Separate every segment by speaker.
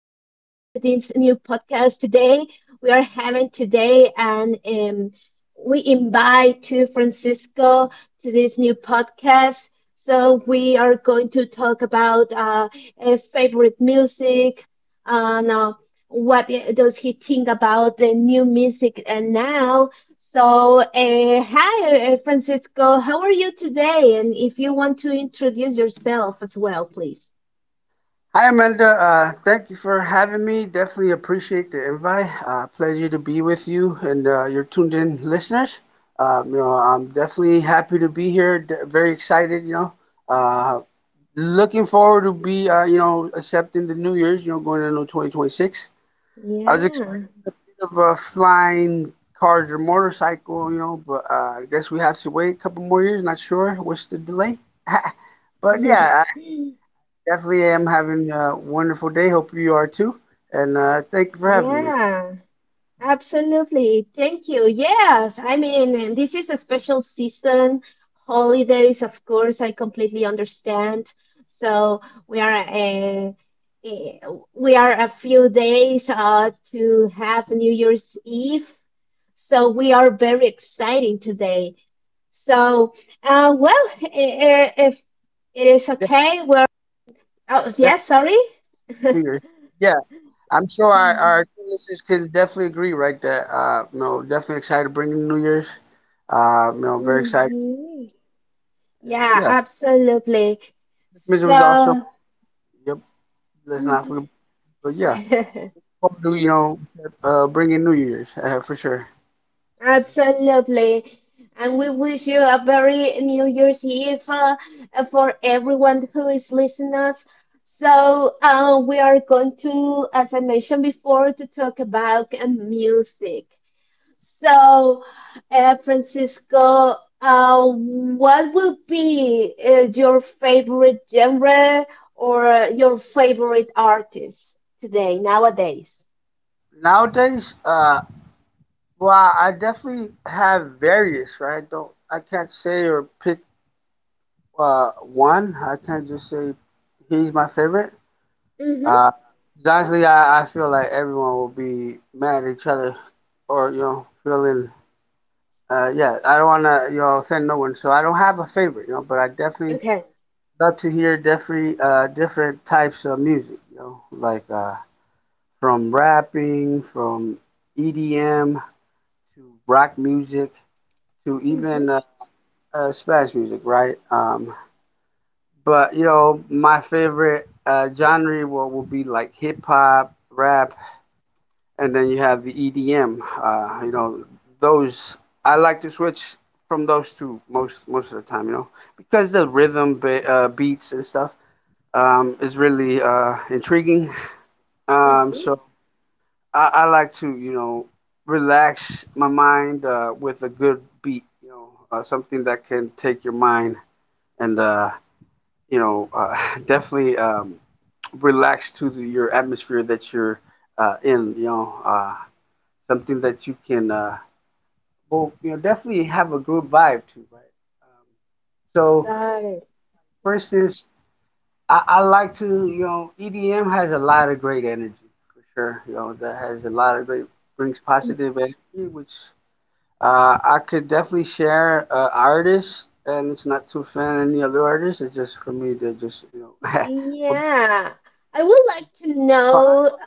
Speaker 1: this new podcast today. We are having today and we invite to Francisco to this new podcast. So we are going to talk about favorite music and what does he think about the new music and now. So hi, Francisco, how are you today? And if you want to introduce yourself as well, please.
Speaker 2: Hi, Amanda. Thank you for having me. Definitely appreciate the invite. Pleasure to be with you and your tuned in listeners. You know, I'm definitely happy to be here. Very excited. You know, uh, looking forward to be you know accepting the New Year's. You know, going into 2026. I was
Speaker 1: Yeah.
Speaker 2: expecting a bit of a flying cars or motorcycle. You know, but I guess we have to wait a couple more years. Not sure what's the delay. But yeah, definitely am having a wonderful day. Hope you are too. And thank you for having me.
Speaker 1: Yeah, absolutely. Thank you. Yes, I mean, and this is a special season. Holidays, of course, I completely understand. So we are a, a we are a few days to have New Year's Eve. So we are very exciting today. So, well, if it is
Speaker 2: Yeah,
Speaker 1: okay, we're, oh,
Speaker 2: definitely.
Speaker 1: yes, sorry.
Speaker 2: do your- Yeah, I'm sure our listeners can definitely agree, right? That you know, definitely excited to bring in New Year's. You know, very excited.
Speaker 1: Hmm. Yeah,
Speaker 2: Yeah,
Speaker 1: absolutely.
Speaker 2: Christmas was awesome.
Speaker 1: So,
Speaker 2: Yep, let's not
Speaker 1: mhm.
Speaker 2: forget. But yeah, hope to you know bring in New Year's for sure.
Speaker 1: Absolutely. And we wish you a very New Year's Eve for everyone who is listening us. So, we are going to, as I mentioned before, to talk about music. So, Francisco, what will be your favorite genre or your favorite artist today, nowadays?
Speaker 2: Nowadays, well, I definitely have various, right? Don't I can't say or pick. One, I can't just say he's my favorite.
Speaker 1: Mm-hmm.
Speaker 2: Uh, 'Cause honestly, I feel like everyone will be mad at each other or, you know, feeling, yeah, I don't want to, you know, offend no one. So I don't have a favorite, you know, but I definitely
Speaker 1: Okay.
Speaker 2: love to hear different, different types of music, you know, like from rapping, from EDM to rock music to even
Speaker 1: Mm-hmm.
Speaker 2: Spanish music, right? But you know, my favorite genre will be like hip hop, rap, and then you have the EDM. You know, those I like to switch from those two most of the time. You know, because the rhythm, beats, and stuff is really intriguing.
Speaker 1: Mm-hmm.
Speaker 2: So, I like to you know relax my mind with a good beat. You know, something that can take your mind and you know definitely. Relax to the, your atmosphere that you're in. You know, something that you can, well, you know, definitely have a group vibe to, right? Um, so,
Speaker 1: Got it.
Speaker 2: for instance, I like to, you know, EDM has a lot of great energy for sure. You know, that has a lot of great brings positive energy, which I could definitely share artists, and it's not to offend any other artists. It's just for me to just, you know,
Speaker 1: Yeah, I would like to know.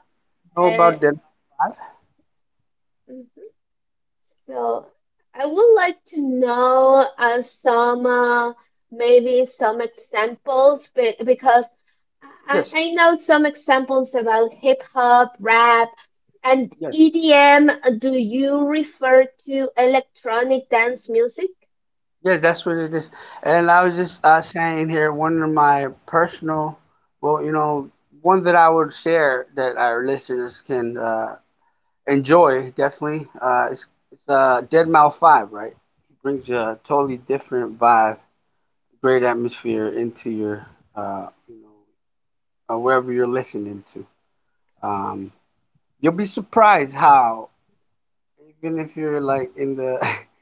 Speaker 2: know
Speaker 1: Uh,
Speaker 2: about them.
Speaker 1: Mm-hmm. So, I would like to know some maybe some examples, but because I,
Speaker 2: Yes,
Speaker 1: I know some examples about hip hop, rap, and
Speaker 2: yes.
Speaker 1: EDM. Do you refer to electronic dance music?
Speaker 2: Yes, that's what it is. And I was just saying here, one of my personal, well, you know, one that I would share that our listeners can enjoy definitely. It's Dead Mouth Five, right? It brings a totally different vibe, great atmosphere into your, you know, wherever you're listening to. Um, you'll be surprised how, even if you're like in the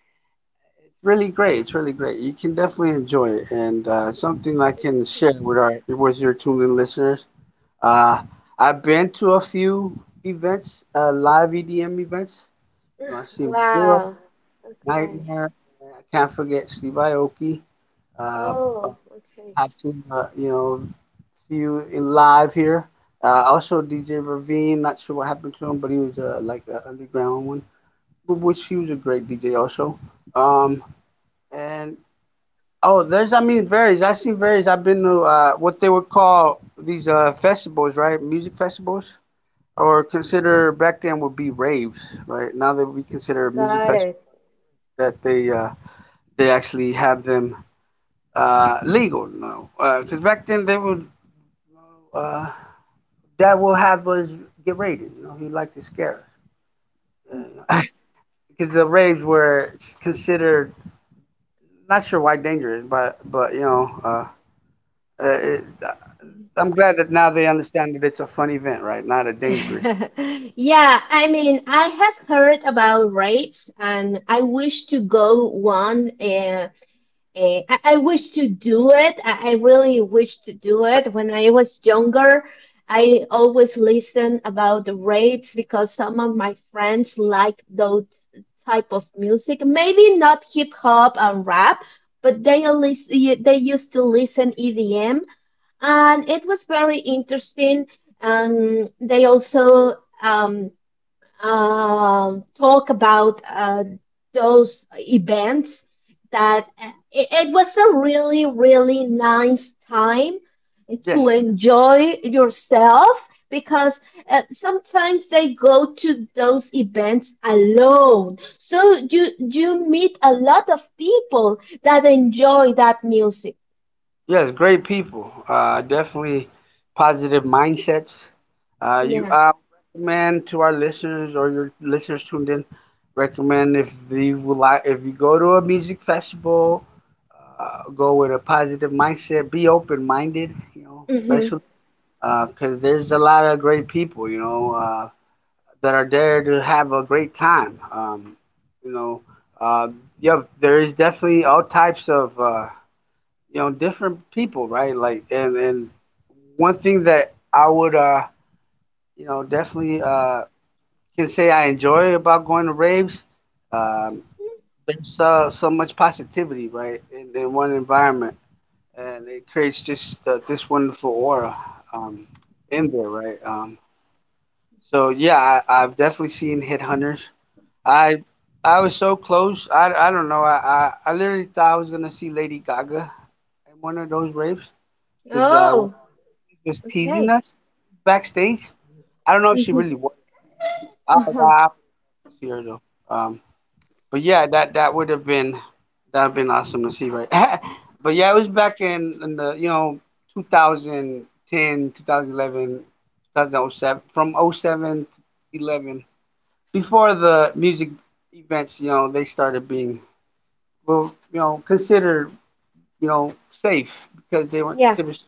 Speaker 2: It's really great. It's really great. You can definitely enjoy it. And something I can share with our with your tuned in listeners. Uh, I've been to a few events, live EDM events. You know, I've seen Bureau,
Speaker 1: Wow. Okay.
Speaker 2: Nightmare, and I can't forget Steve Aoki. Uh, uh,
Speaker 1: Oh, okay.
Speaker 2: I've seen you know few in live here. Also DJ Ravine. Not sure what happened to him, but he was like an underground one, which he was a great DJ also. Um, and oh, there's I mean varies. I've seen various. I've been to what they would call these festivals, right? Music festivals, or consider back then would be raves, right? Now that we consider music
Speaker 1: Got
Speaker 2: festivals
Speaker 1: it.
Speaker 2: that they actually have them legal now, because back then they would uh, that will have us get raided. You know, he liked to scare us
Speaker 1: Mhm.
Speaker 2: because the raves were considered not sure why dangerous, but you know. It, I'm glad that now they understand that it's a fun event, right? Not a dangerous.
Speaker 1: Yeah, I mean, I have heard about raves and I wish to go one I wish to do it. I really wish to do it. When I was younger, I always listened about the rapes because some of my friends like those type of music. Maybe not hip hop and rap, but they used to listen EDM, and it was very interesting. And they also um, talk about those events that it was a really really nice time
Speaker 2: Yes,
Speaker 1: to enjoy yourself because sometimes they go to those events alone so you meet a lot of people that enjoy that music.
Speaker 2: yes, great people. Definitely positive mindsets. You
Speaker 1: Yeah.
Speaker 2: I recommend to our listeners or your listeners tuned in. Recommend if you would like, if you go to a music festival, go with a positive mindset. Be open minded, you know,
Speaker 1: Hmm.
Speaker 2: especially because there's a lot of great people. You know, that are there to have a great time. You know, uh, yeah, there is definitely all types of you know different people, right? Like, and one thing that I would you know definitely can say I enjoy about going to raves, um, there's so much positivity, right, in one environment, and it creates just this wonderful aura um, in there, right? So yeah, I've definitely seen headhunters. I I was so close. I don't know. I literally thought I was gonna see Lady Gaga in one of those raves because when
Speaker 1: Oh,
Speaker 2: she was
Speaker 1: okay.
Speaker 2: teasing us backstage. I don't know if she really
Speaker 1: Hmm.
Speaker 2: was. I
Speaker 1: Uh-huh.
Speaker 2: was to see her though. Um, but yeah, that would have been that would been awesome to see, right? But yeah, it was back in the you know 2010, 2011, two thousand oh seven, from oh seven to 11 before the music events. You know, they started being were, you know, considered, you know, safe because they weren't
Speaker 1: Yeah.
Speaker 2: considered.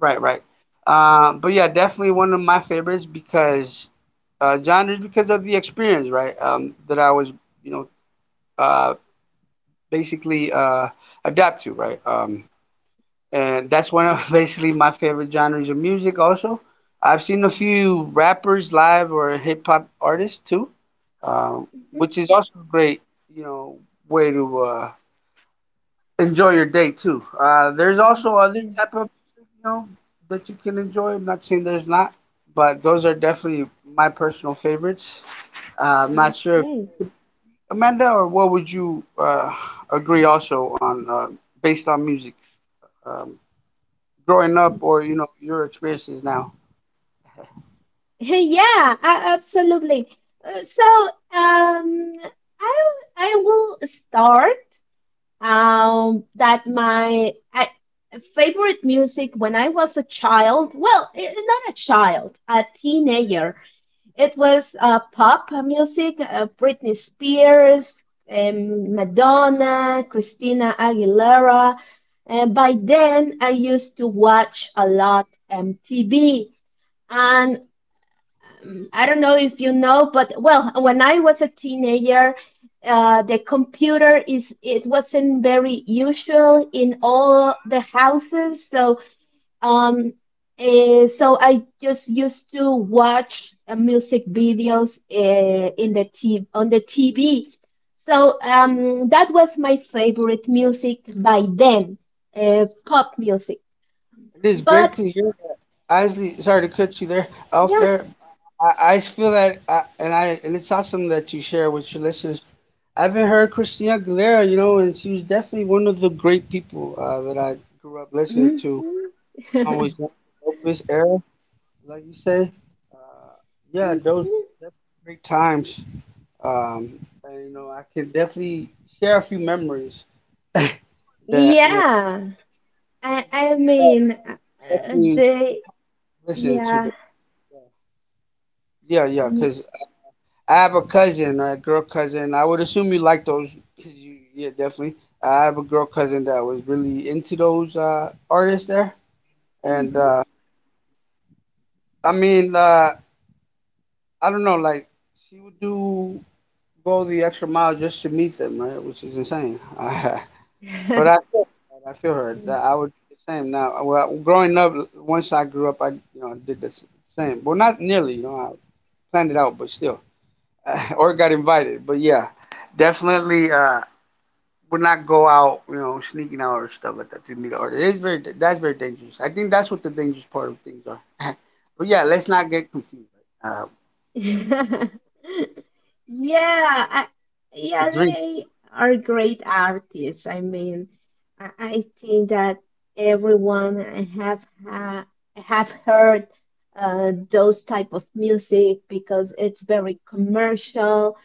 Speaker 2: Right, right. But yeah, definitely one of my favorites because genres because of the experience, right? That I was, you know, uh, basically adapt to, right? And that's one of basically my favorite genres of music. Also, I've seen a few rappers live or hip hop artists too, which
Speaker 1: Mhm.
Speaker 2: is also a great, you know, way to enjoy your day too. There's
Speaker 1: Mm,
Speaker 2: also other
Speaker 1: yeah.
Speaker 2: type of music, you know, that you can enjoy. I'm not saying there's not, but those are definitely my personal favorites. I'm not sure, if,
Speaker 1: Okay.
Speaker 2: Amanda, or what would you agree also on based on music, um, growing up, or you know your experiences now.
Speaker 1: Yeah, absolutely. So, um, I I will start um that my I, favorite music when I was a child, well, not a child, a teenager. It was pop music, Britney Spears, Madonna, Christina Aguilera. And by then, I used to watch a lot MTV. And. I don't know if you know, but well, when I was a teenager, the computer is it wasn't very usual in all the houses. So um, so I just used to watch music videos in the t on the TV. So that was my favorite music by then, pop music.
Speaker 2: It is great
Speaker 1: But
Speaker 2: to hear. Isley, sorry to cut you there off
Speaker 1: yeah.
Speaker 2: there. I feel that, and I and it's awesome that you share with your listeners I haven't heard Christina Aguilera, you know, and she was definitely one of the great people that I grew up listening
Speaker 1: Mhm.
Speaker 2: to. Always Opus era, like you say. Uh, yeah, those
Speaker 1: Mhm.
Speaker 2: definitely great times. Um, and, you know, I can definitely share a few memories that you know
Speaker 1: Yeah. I
Speaker 2: that
Speaker 1: mean,
Speaker 2: definitely
Speaker 1: they
Speaker 2: listening to the
Speaker 1: yeah.
Speaker 2: yeah yeah
Speaker 1: Mm,
Speaker 2: because I have a cousin, a girl cousin. I would assume you like those. 'Cause you, yeah, definitely. I have a girl cousin that was really into those artists there. And I mean, I don't know, like she would do go the extra mile just to meet them, right? Which is insane. But
Speaker 1: mhm.
Speaker 2: I feel, her, I feel her. That I would do the same. Now, well, growing up, once I grew up, I you know did the same. Well, not nearly. You know, I planned it out, but still, or got invited. But yeah, definitely would not go out. You know, sneaking out or stuff like that to meet artists. It's very that's very dangerous. I think that's what the dangerous part of things are. But yeah, let's not get confused. Uh, you know,
Speaker 1: Yeah, I,
Speaker 2: the
Speaker 1: yeah,
Speaker 2: drink.
Speaker 1: they are great artists. I mean, I think that everyone have ha have heard those type of music because it's very commercial,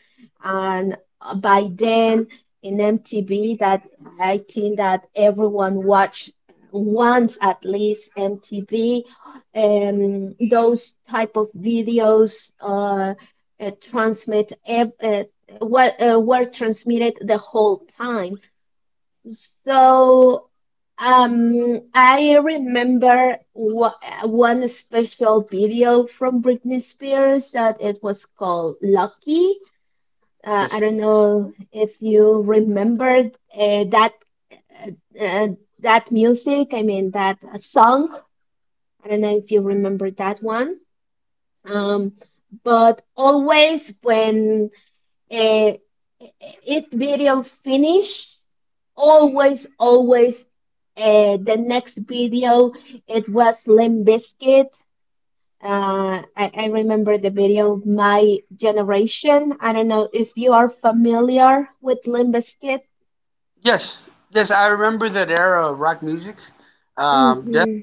Speaker 1: and by then in MTV, that I think that everyone watch once at least MTV those type of videos uh, transmit ev- uh, what were transmitted the whole time. So I remember one special video from Britney Spears that it was called "Lucky." I
Speaker 2: This.
Speaker 1: don't know if you remember uh, that uh, uh, that music. I mean that song. I don't know if you remember that one, um, but always when uh, it video finish always always the next video it was Limp Bizkit. I remember the video my generation. I don't know if you are familiar with Limp Bizkit.
Speaker 2: Yes, yes, I remember that era of rock music. Definitely
Speaker 1: Mm-hmm.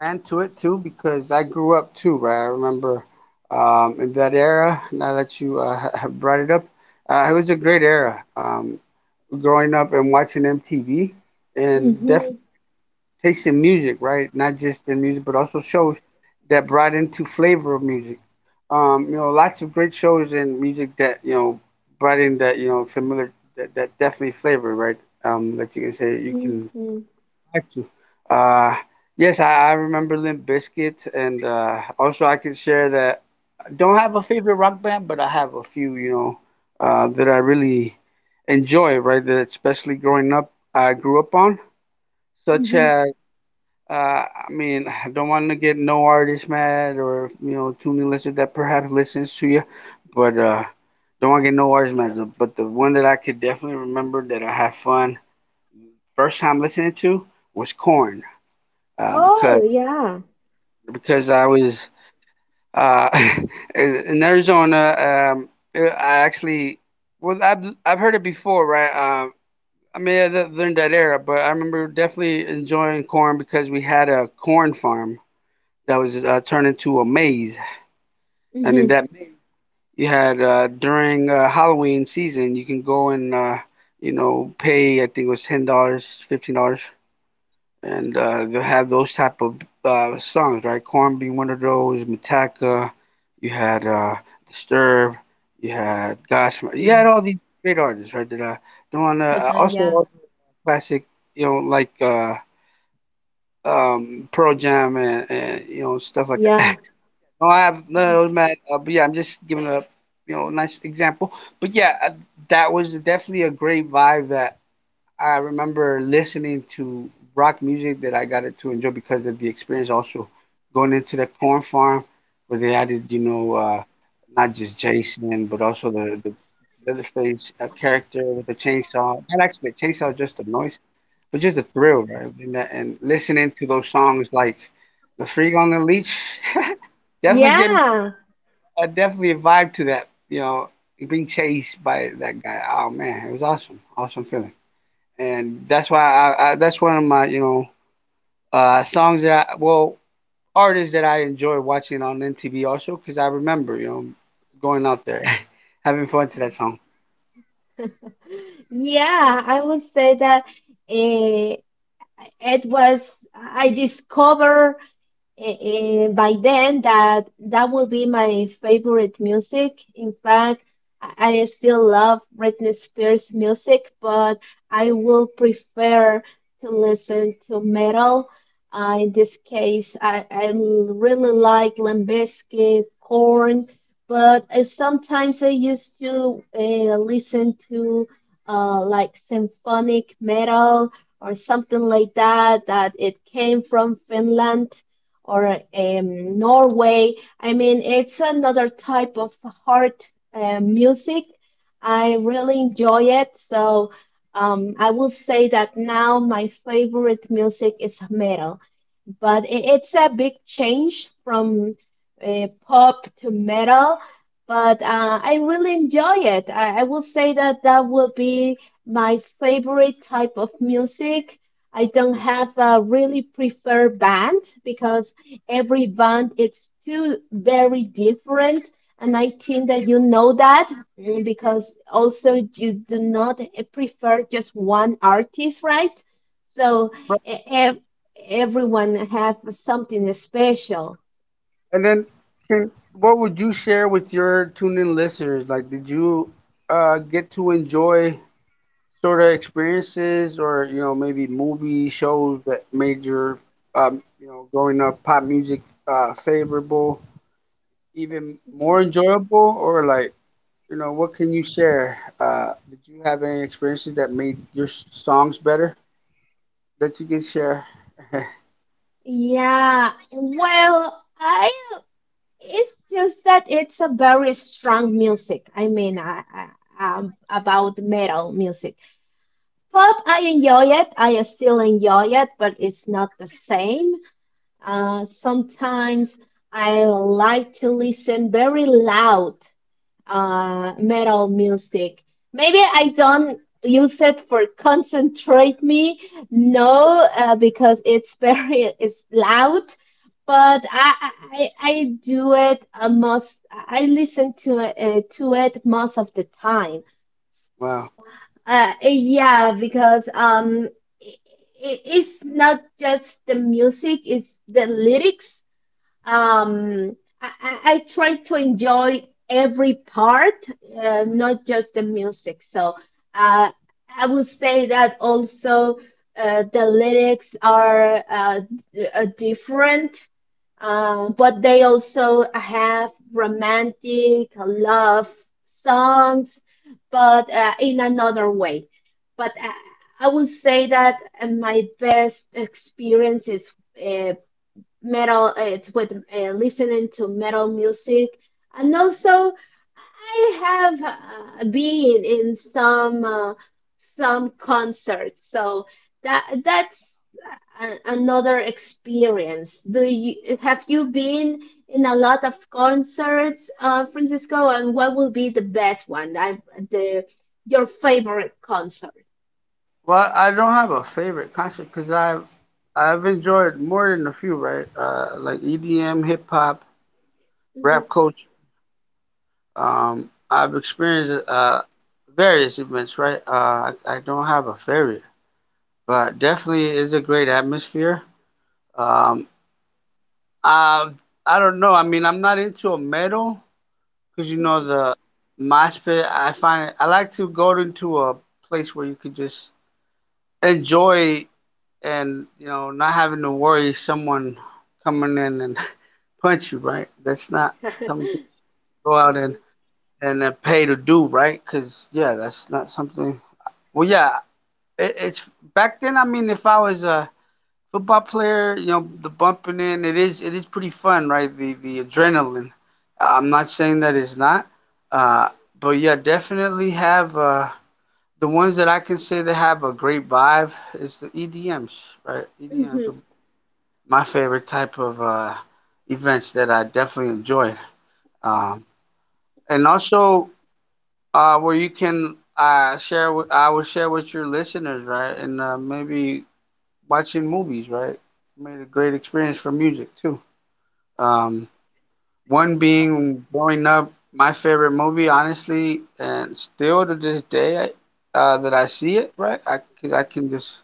Speaker 2: fan to it too because I grew up too, right? I remember in that era. Now that you have brought it up, it was a great era. Growing up and watching MTV and def-
Speaker 1: Mm-hmm.
Speaker 2: tasting music, right? Not just in music, but also shows that brought into flavor of music. You know, lots of great shows and music that you know brought in that you know familiar that, that definitely flavor, right? That you can say you can
Speaker 1: Mm-hmm.
Speaker 2: back to. Uh, yes, I remember Limp Bizkit, and also I can share that I don't have a favorite rock band, but I have a few, you know, that I really enjoy, right? That especially growing up, I grew up on, such
Speaker 1: Mm-hmm.
Speaker 2: as I mean, I don't want to get no artist mad or you know tuning listener that perhaps listens to you, but don't want to get no artist mad. But the one that I could definitely remember that I had fun first time listening to was Corn, uh, because
Speaker 1: Oh yeah.
Speaker 2: because I was uh, in Arizona. I actually well I've heard it before, right? I mean, I learned that era, but I remember definitely enjoying corn because we had a corn farm that was turned into a maze, and in that you had during Halloween season, you can go and pay. I think it was $10, $15, and they'll have those type of songs, right? Corn being one of those. Metallica. You had Disturbed. You had Godsmack. You had
Speaker 1: Mm-hmm.
Speaker 2: all these great artists, right? That doing also
Speaker 1: Yeah.
Speaker 2: all the classic, you know, like uh, Pearl Jam and stuff like that.
Speaker 1: Yeah.
Speaker 2: No, I have no, no, no, man. But yeah, I'm just giving a nice example. But yeah, that was definitely a great vibe that I remember listening to rock music that I got to enjoy because of the experience. Also, going into the corn farm where they added not just Jason but also the Leatherface character with the chainsaw. Not actually the chainsaw, is just the noise, but just the thrill, right? And, and listening to those songs like "The Freak on the Leash." definitely gave
Speaker 1: Yeah.
Speaker 2: I definitely vibe to that. You know, being chased by that guy. Oh man, it was awesome, awesome feeling. And that's why I that's one of my songs that I, well artists that I enjoy watching on MTV also because I remember going out there having fun to that song.
Speaker 1: Yeah, I would say that eh, I discovered by then that that will be my favorite music. In fact, I still love Britney Spears music, but I will prefer to listen to metal. In this case, really like Limp Bizkit, Korn, but sometimes I used to listen to like symphonic metal or something like that, that it came from Finland or Norway. I mean, it's another type of heart music. I really enjoy it. So I will say that now my favorite music is metal but it's a big change from pop to metal. But I really enjoy it. I will say that that will be my favorite type of music. I don't
Speaker 2: Yes.
Speaker 1: have a really preferred band because every band it's too very different, and I think that you know that, because also you do not prefer just one artist, right? So
Speaker 2: Right.
Speaker 1: e- everyone have something special.
Speaker 2: And then, can, what would you share with your tuned in listeners? Like, did you get to enjoy sort of experiences or maybe movie shows that made your growing up pop music favorable, even more enjoyable, or like what can you share? Did you have any experiences that made your songs better that you can share?
Speaker 1: Yeah, well, I it's just that it's a very strong music. I mean, about metal music. Pop, I enjoy it. I still enjoy it, but it's not the same. Sometimes I like to listen very loud metal music. Maybe
Speaker 2: Mhm.
Speaker 1: I don't use it for concentrate me, no, because it's very it's loud. But I do it most. I listen to it most of the time.
Speaker 2: Wow.
Speaker 1: Yeah, because i it's not just the music; it's the lyrics.
Speaker 2: Yes.
Speaker 1: um I try to enjoy every part, not just the music. So uh, I would say that also the lyrics are different, but they also have romantic love songs, but in another way. But I would say that my best experience is uh, metal. It's with listening to metal music and also I have been in some concerts so that that's a- another experience. Do you have you been in a lot of concerts, Francisco, and what will be the best one? I, the Your favorite concert?
Speaker 2: Well, I don't have a favorite concert because I've enjoyed more than a few, right? Like EDM, hip-hop, rap
Speaker 1: Mhm.
Speaker 2: culture. I've experienced various events, right? I don't have a favorite, but definitely is a great atmosphere. Um, I, I don't know. I mean, I'm not into a metal because you know
Speaker 1: Mhm.
Speaker 2: the MySpace. I find it, I like to go into a place where you could just enjoy, and not having to worry someone coming in and punch you, right? That's not something people go out and pay to do, right? Because yeah, that's not something. Well, yeah, it's back then. I mean, if I was a football player, you know, the bumping in, it is pretty fun, right? The adrenaline. I'm not saying that it's not, uh, but yeah, definitely have the ones that I can say that have a great vibe is the EDMs, right? EDMs
Speaker 1: Mhm.
Speaker 2: are my favorite type of events that I definitely enjoyed, um, and also where you can share. With, I will share with your listeners, right? And maybe watching movies, right? Made a great experience for music too. Um, one being growing up, my favorite movie, honestly, and still to this day that I see it, right? 'Cause I can just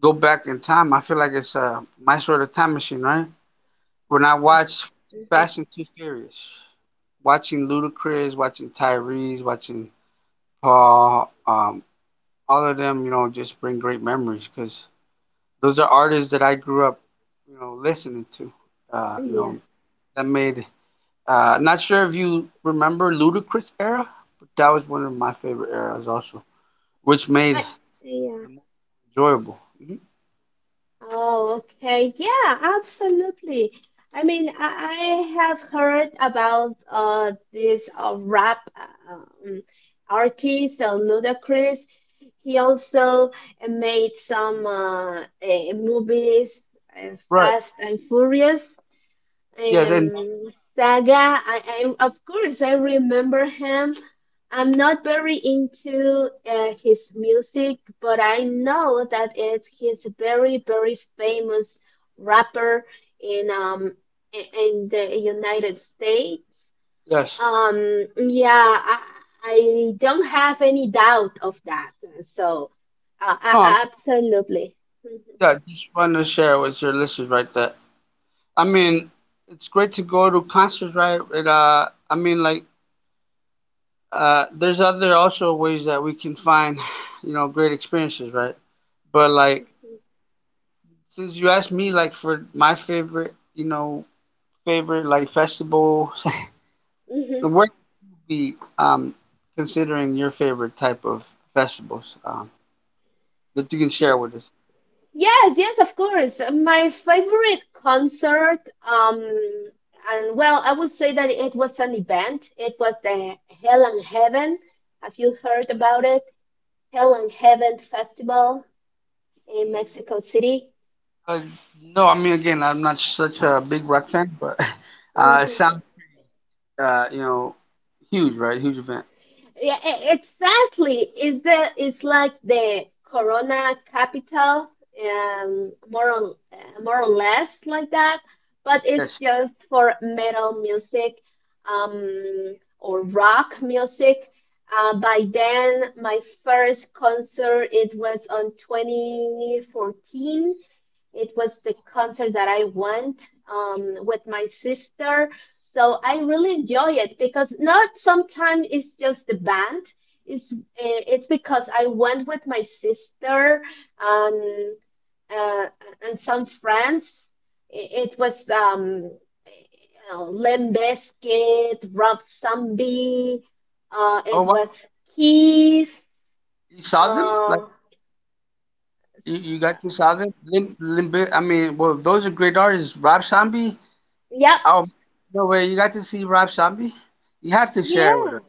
Speaker 2: go back in time. I feel like it's my sort of time machine, right? When I watch Too
Speaker 1: Mhm.
Speaker 2: Fast and Too Furious, watching Ludacris, watching Tyrese, watching Paul, all of them, you know, just bring great memories because those are artists that I grew up, you know, listening to. Uh, you
Speaker 1: Yeah.
Speaker 2: know, that made. Not sure if you remember Ludacris era, but that was one of my favorite eras also, which made
Speaker 1: I, yeah.
Speaker 2: the movie enjoyable. Mhm.
Speaker 1: Oh, okay. Yeah, absolutely. I mean, I have heard about this rap um, artist, Ludacris. He also made some movies,
Speaker 2: Right.
Speaker 1: Fast and Furious.
Speaker 2: Yes, and
Speaker 1: Um, Saga, I of course I remember him. I'm
Speaker 2: mm-hmm,
Speaker 1: not very into his music, but I know that it's he's a very very famous rapper in in the United States.
Speaker 2: yes.
Speaker 1: Yeah, I don't have any doubt of that. So,
Speaker 2: No, I'm,
Speaker 1: absolutely.
Speaker 2: yeah, just want to share with your listeners, right? That I mean, it's great to go to concerts, right? And I mean, like, there's other also ways that we can find, you know, great experiences, right? But like since you asked me like for my favorite, you know, favorite like vegetable, where could be considering your favorite type of vegetables that you can share with us?
Speaker 1: Yes, yes, of course. My favorite concert, and well, I would say that it was an event. It was the Hell and Heaven. Have you heard about it? Hell and Heaven Festival in
Speaker 2: Mm.
Speaker 1: Mexico City.
Speaker 2: Uh, no, I mean again, I'm not such a big rock fan, but it
Speaker 1: Mhm.
Speaker 2: sounds uh, you know huge, right? Huge event.
Speaker 1: Yeah, exactly. Is the It's like the Corona capital, more or less like that, but it's
Speaker 2: Yes.
Speaker 1: just for metal music, or rock music. By then, my first concert it was on 2014. It was the concert that I went with my sister so I really enjoy it because not sometimes it's just the band. It's because I went with my sister and uh, some friends. It was Limp Bizkit, Rob Zombie.
Speaker 2: Oh
Speaker 1: It
Speaker 2: wow,
Speaker 1: was Keys.
Speaker 2: you saw them? Like
Speaker 1: Uh,
Speaker 2: you,
Speaker 1: s-
Speaker 2: you
Speaker 1: uh,
Speaker 2: got to saw them? Lim, Limp Biz- I mean, well, those are great artists. Rob Zombie,
Speaker 1: yep.
Speaker 2: oh, no way. You got to see Rob Zombie? You have to share
Speaker 1: Yeah.
Speaker 2: with us.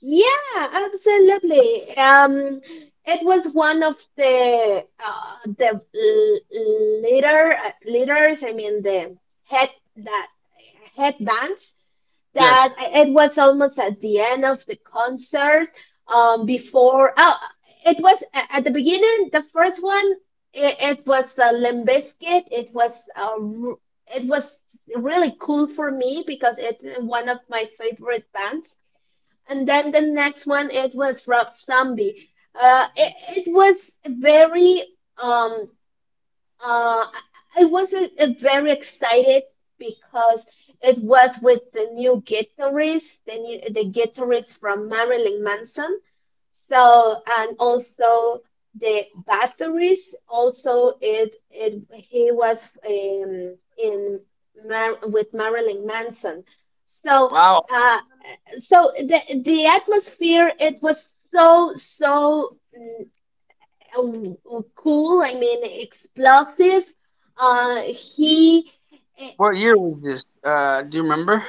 Speaker 1: Yeah, absolutely. It was one of the leaders. I mean, the head that headbands
Speaker 2: Yes.
Speaker 1: that it was almost at the end of the concert. Before Oh, it was at the beginning. The first one, it was the Limp Bizkit. It was it was really cool for me because it's one of my favorite bands and then the next one it was Rob Zombie. Uh, it, it was very um I was very excited because it was with the new guitarist, the guitarist from Marilyn Manson. So and also the batteries. Also it he was in Mar with Marilyn Manson. So
Speaker 2: Wow.
Speaker 1: uh so the atmosphere it was so so, cool, I mean explosive. uh he eh,
Speaker 2: What year was this? Do you remember?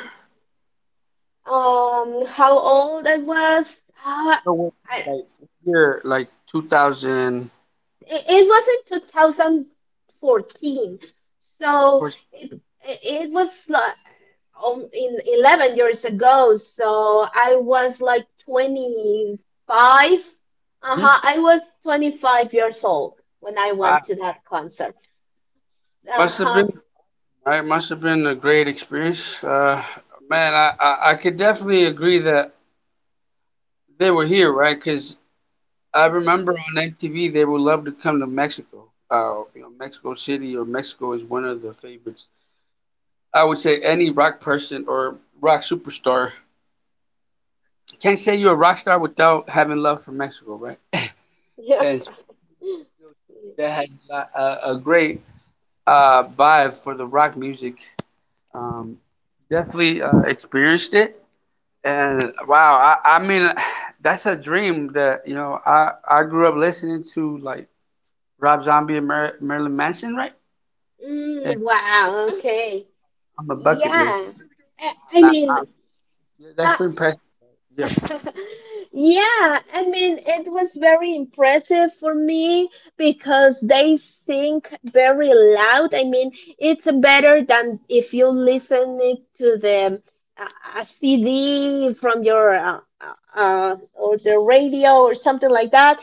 Speaker 1: how old I was
Speaker 2: No, what,
Speaker 1: I,
Speaker 2: like what year, like 2000.
Speaker 1: it it wasn't 2014 so
Speaker 2: Hmm.
Speaker 1: it was like in 11 years ago so I was like 25. Uh-huh, I was 25 years old when I
Speaker 2: Wow.
Speaker 1: went to that concert.
Speaker 2: Must have
Speaker 1: Uh-huh.
Speaker 2: been, right? Must have been a great experience. Man, I could definitely agree that they were here, right? Because I remember on MTV, they would love to come to Mexico. You know, Mexico City or Mexico is one of the favorites. I would say any rock person or rock superstar can't say you're a rock star without having love for Mexico, right?
Speaker 1: Yeah.
Speaker 2: And it's- that has a great vibe for the rock music. Um, definitely experienced it, and wow, I mean, that's a dream that you know. I grew up listening to like Rob Zombie and Marilyn Manson, right? And
Speaker 1: Mm, wow, okay.
Speaker 2: on the bucket list,
Speaker 1: Yeah.
Speaker 2: wow,
Speaker 1: I mean
Speaker 2: yeah, that's
Speaker 1: uh,
Speaker 2: pretty impressive. Yeah,
Speaker 1: Yeah, I mean, it was very impressive for me because they sing very loud. I mean, it's better than if you listen it to the a CD from your or the radio or something like that.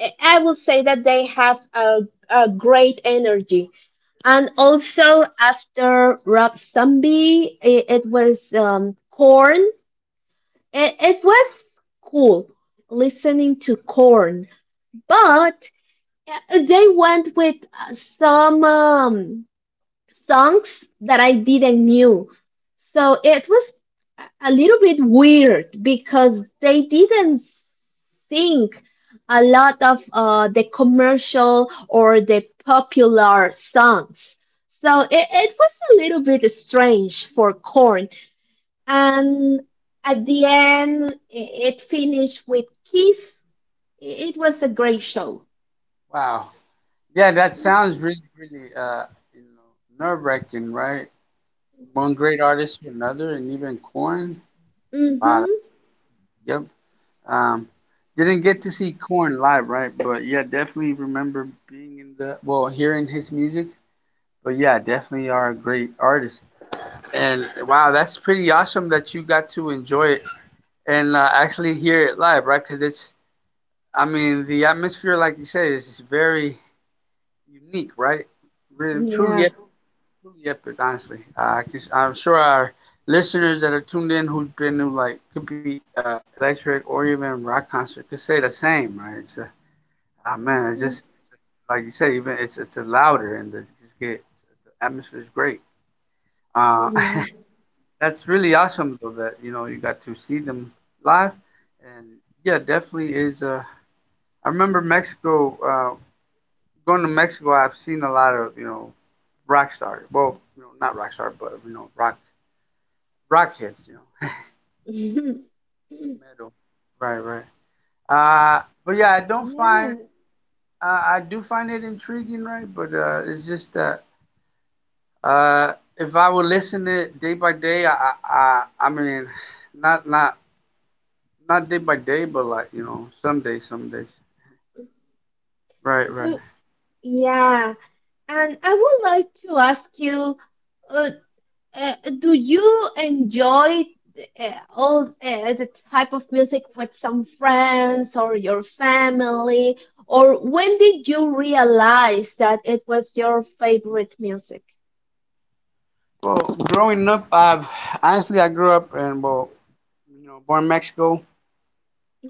Speaker 1: I will say that they have a great energy. And also after Rob Zombie, it was Korn. It was cool listening to Korn, but they went with some songs that I didn't knew. So it was a little bit weird because they didn't sing a lot of the commercial or the popular songs. So it was a little bit strange for Korn, and at the end it finished with Kiss. It was a great show.
Speaker 2: wow. Yeah, that sounds really, really, nerve wracking, right? One great artist to another, and even Corn. Wow.
Speaker 1: Mhm.
Speaker 2: Yep. Um, didn't get to see Corn live, right? But yeah, definitely remember being in the well, hearing his music. But yeah, definitely are a great artist. And wow, that's pretty awesome that you got to enjoy it and actually hear it live, right? Because it's, I mean, the atmosphere, like you said, is very unique, right? Really, truly
Speaker 1: Yeah.
Speaker 2: yep, it honestly, 'cause I'm sure our listeners that are tuned in who've been to like could be electric or even rock concert could say the same, right? It's a, ah man, it's
Speaker 1: Mhm.
Speaker 2: just like you said, even it's a louder, and the, just get the atmosphere is great. Uh,
Speaker 1: Yeah.
Speaker 2: that's really awesome though that you know you got to see them live, and yeah, definitely is. I remember Mexico. Going to Mexico, I've seen a lot of you know rock stars. Well, you know not rock star, but you know rock hits. You know
Speaker 1: Mhm.
Speaker 2: metal. Right, right. But yeah, I don't find
Speaker 1: Yeah.
Speaker 2: I do find it intriguing, right? But it's just that if I would listen to it day by day, I mean, not not not day by day, but like you know, some days, some days. Right, right.
Speaker 1: Do- yeah, and I would like to ask you uh, do you enjoy all the type of music with some friends or your family? Or when did you realize that it was your favorite music?
Speaker 2: Well, growing up, I've honestly I grew up and well, you know, born in Mexico.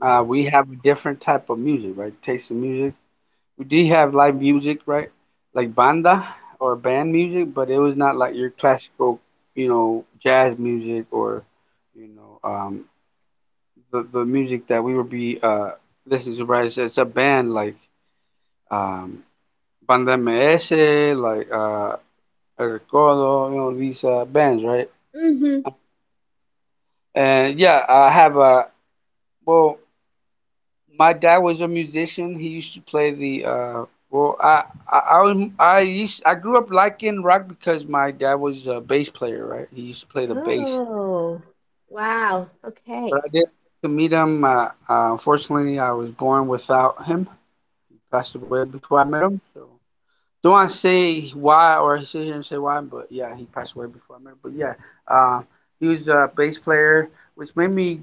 Speaker 2: We have a different type of music, right? Taste in music. We did have live music, right? Like banda or band music, but it was not like your classical, you know, jazz music or, you know, the music that we would be listening to, right? It's a band like um, Banda MS, like El Recodo, you know, these bands, right?
Speaker 1: Mm-hmm.
Speaker 2: And yeah, I have a well. My dad was a musician. He used to play the well I, was- I used I grew up liking rock because my dad was a bass player, right? He used to play the bass.
Speaker 1: Oh, wow.
Speaker 2: But
Speaker 1: Okay.
Speaker 2: I didn't get to meet him. Unfortunately, I was born without him. He passed away before I met him. So don't want to say why or sit here and say why, but yeah, he passed away before I met him. But yeah, uh, he was a bass player, which made me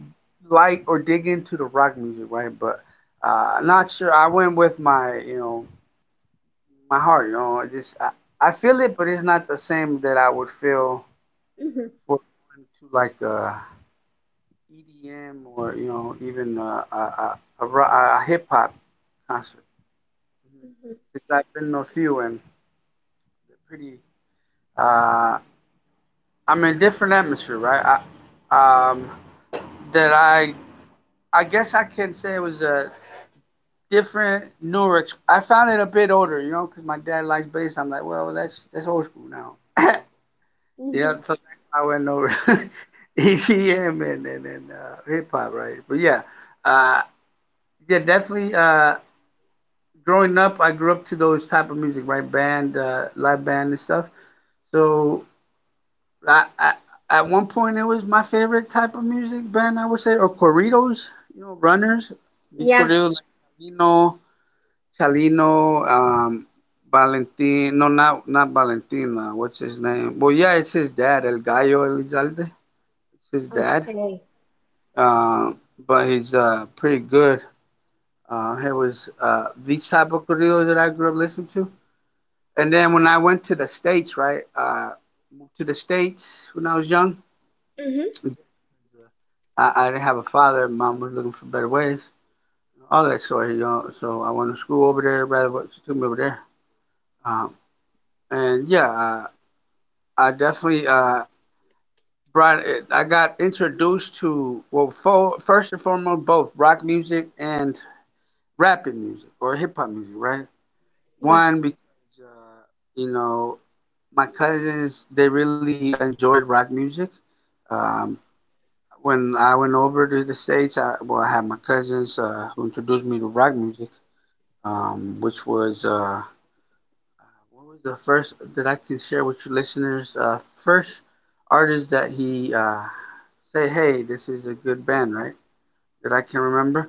Speaker 2: like or dig into the rock music, right? But not sure. I went with my, you know, my heart, you know. I feel it, but it's not the same that I would feel
Speaker 1: Mm-hmm.
Speaker 2: for going to like a EDM or you know even a hip hop concert.
Speaker 1: Mm-hmm.
Speaker 2: Because I've been to a few and they're pretty. Uh, I'm in a different atmosphere, right? I, um, that I I guess I can say it was a different newer. I found it a bit older, you know, because my dad likes bass. I'm like, well, that's old school now. Yeah,
Speaker 1: Mm-hmm.
Speaker 2: so that's how I went over EDM and hip hop, right? But yeah, uh, yeah, definitely. Growing up, I grew up to those type of music, right? Band, live band and stuff. So I at one point it was my favorite type of music band, I would say, or corridos, you know, runners. These
Speaker 1: Yeah.
Speaker 2: corridos like Chalino, Chalino, Valentin. No, not Valentin. What's his name? Well, yeah, it's his dad, El Gallo Elizalde. It's his dad
Speaker 1: Okay.
Speaker 2: uh, but he's pretty good. It was these type of corridos that I grew up listening to. And then when I went to the states, right, moved to the states when I was young.
Speaker 1: Mm-hmm.
Speaker 2: I didn't have a father. Mom was looking for better ways, all that sort, you know. So I went to school over there. Rather, what she took me over there. Um, and yeah, I definitely I got introduced to, well, first and foremost, both rock music and rapping music or hip hop music, right?
Speaker 1: Yeah.
Speaker 2: One because uh, you know, my cousins, they really enjoyed rock music. Um, when I went over to the states, I, well, I had my cousins who introduced me to rock music, which was what was the first that I can share with your listeners? First artist that he say, hey, this is a good band, right? That I can remember.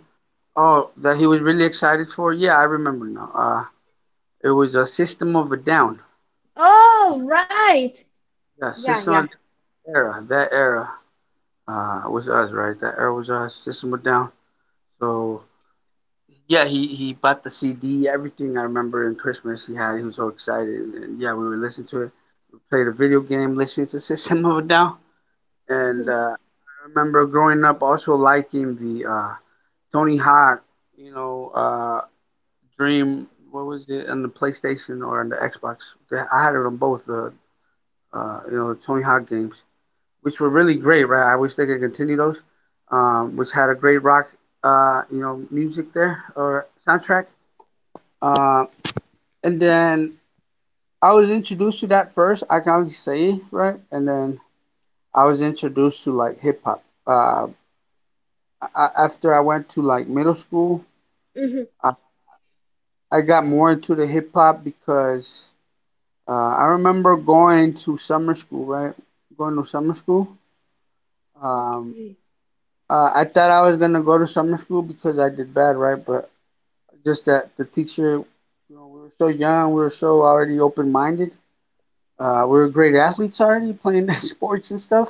Speaker 2: Oh, that he was really excited for. Yeah, I remember now. It was a System of a Down.
Speaker 1: Oh, right.
Speaker 2: Yeah,
Speaker 1: Yeah,
Speaker 2: System
Speaker 1: yeah.
Speaker 2: of a era, that era was us, right? That era was us. System was down. So yeah, he bought the CD, everything. I remember in Christmas he had. He was so excited, and yeah, we would listen to it. We played a video game, listening to System of a Down, and
Speaker 1: Mm-hmm.
Speaker 2: I remember growing up also liking the Tony Hawk, you know, Dream. What was it on the PlayStation or on the Xbox? I had it on both the, you know, the Tony Hawk games, which were really great, right? I wish they could continue those, which had a great rock, you know, music there or soundtrack. Uh, and then I was introduced to that first, I can only say, right? And then I was introduced to like hip hop. I, after I went to like middle school,
Speaker 1: Mm-hmm.
Speaker 2: I, I got more into the hip hop because I remember going to summer school, right? Going to summer school. Um,
Speaker 1: Okay.
Speaker 2: I thought I was gonna go to summer school because I did bad, right? But just that the teacher, you know, we were so young, we were so already open minded. We were great athletes already playing sports and stuff.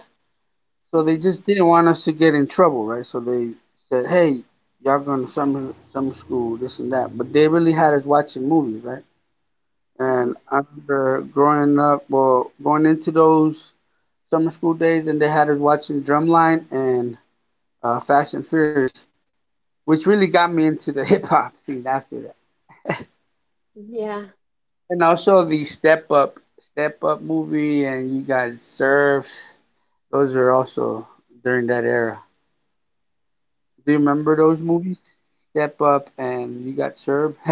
Speaker 2: So they
Speaker 1: Mm-hmm.
Speaker 2: just didn't want us to get in trouble, right? So they said, hey, y'all going to summer school, this and that. But they really had us watching movies, right?
Speaker 1: Mm-hmm.
Speaker 2: And I remember growing up, well, going into those summer school days, and they had us watching Drumline and Fast and Furious, which really got me into the hip hop scene after.
Speaker 1: Yeah.
Speaker 2: And also the Step Up movie, and You Got Surf. Those are also during that era. Do you remember those movies? Step Up and You Got Served.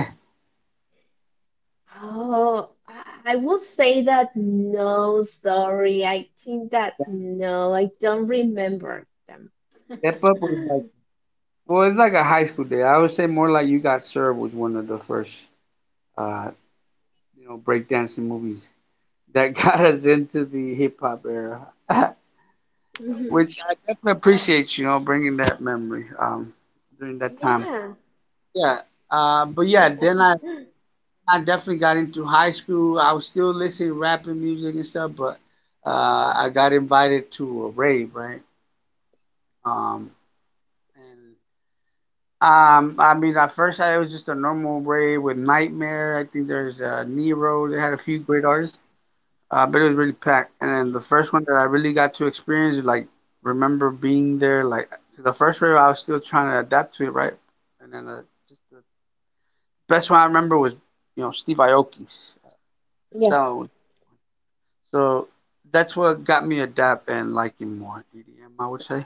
Speaker 1: Oh, I would say that no, sorry. I think that no, I don't remember them.
Speaker 2: Step Up was like, well, it's like a high school day. I would say more like You Got Served was one of the first uh, you know, breakdancing movies that got us into the hip hop era,
Speaker 1: Mhm.
Speaker 2: which I definitely appreciate, you know, bringing that memory during that time.
Speaker 1: Yeah.
Speaker 2: Yeah. But yeah, then I I definitely got into high school. I was still listening to rap and music and stuff, but uh, I got invited to a rave, right? Um, and I mean, at first I, it was just a normal rave with Nightmare. I think there's Nero. They had a few great artists, but it was really packed. And then the first one that I really got to experience, like remember being there, like the first rave, I was still trying to adapt to it, right? And then just the best one I remember was, you know, Steve Aoki's.
Speaker 1: Yeah.
Speaker 2: That, so that's what got me adapt and liking more EDM, I would say.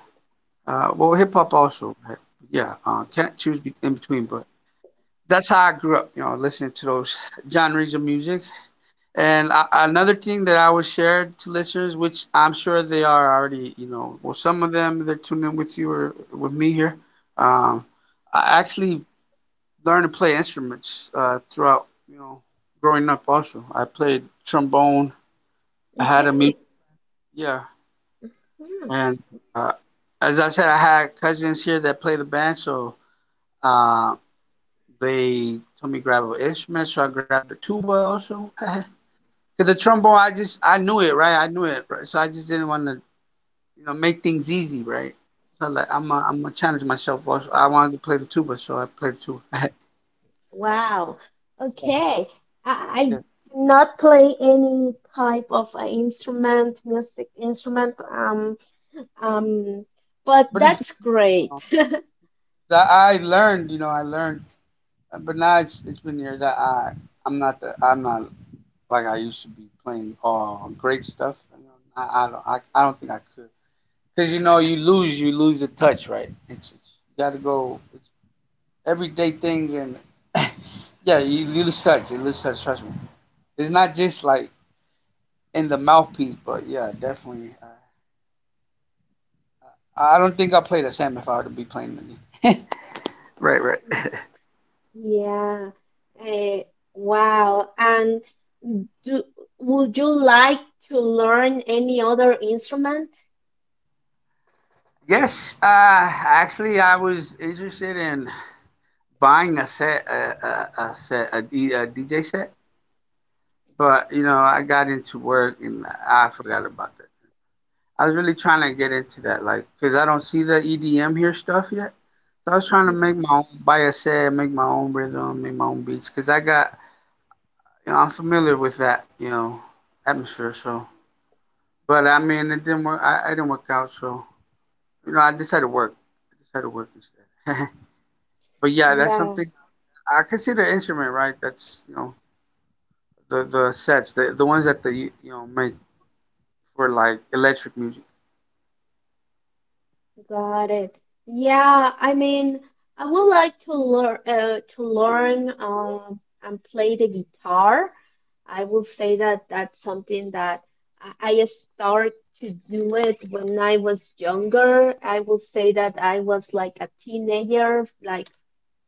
Speaker 2: Well, hip hop also, right? Yeah. Can't choose in between, but that's how I grew up, you know, listening to those genres of music. And I, another thing that I would share to listeners, which I'm sure they are already, you know, well, some of them, they're tuning in with you or with me here. Um, I actually learned to play instruments throughout, you know, growing up. Also, I played trombone. I had a music.
Speaker 1: Okay.
Speaker 2: Yeah.
Speaker 1: Hmm.
Speaker 2: And uh, as I said, I had cousins here that play the band, so uh, they told me grab an instrument, so I grabbed a tuba also. Cause the trombone, I just, I knew it, right? I knew it, right? So I just didn't want to, you know, make things easy, right? So like, I'm I am I gonna challenge myself. Also, I wanted to play the tuba, so I played the tuba. Yeah,
Speaker 1: Wow. Okay. I
Speaker 2: yeah.
Speaker 1: do not play any type of instrument, music instrument. Um, but
Speaker 2: But it's
Speaker 1: that's
Speaker 2: uh,
Speaker 1: great.
Speaker 2: I learned, you know, I learned, but now it's been years. I'm not the, I'm not like I used to be playing great stuff. You know, I don't, I don't think I could, because you know, you lose the touch, right. It's, you got to go. It's everyday things, and yeah, you lose touch. You lose touch. Trust me. It's not just like in the mouthpiece, but yeah, definitely. I don't think I'll play the same if I were to be playing it again. Right, right.
Speaker 1: Yeah. Eh, wow. And do, would you like to learn any other instrument?
Speaker 2: Yes, actually, I was interested in buying a set, a DJ set. But you know, I got into work and I forgot about that. I was really trying to get into that, like, cause I don't see the EDM here stuff yet. So I was trying to
Speaker 1: Mhm.
Speaker 2: make my own, by a set, make my own rhythm, make my own beats, cause I got, you know, I'm familiar with that, you know, atmosphere. So, but I mean, it didn't work. I didn't work out. So, you know, I decided to work. I decided to work instead. But yeah, that's
Speaker 1: Yeah,
Speaker 2: something I consider instrument, right? That's, you know, the sets, the ones that they, you know, make for like electric music.
Speaker 1: got it. Yeah, I mean, I would like to learn and play the guitar. I will say that that's something that I start to do it when I was younger. I will say that I was like a teenager, like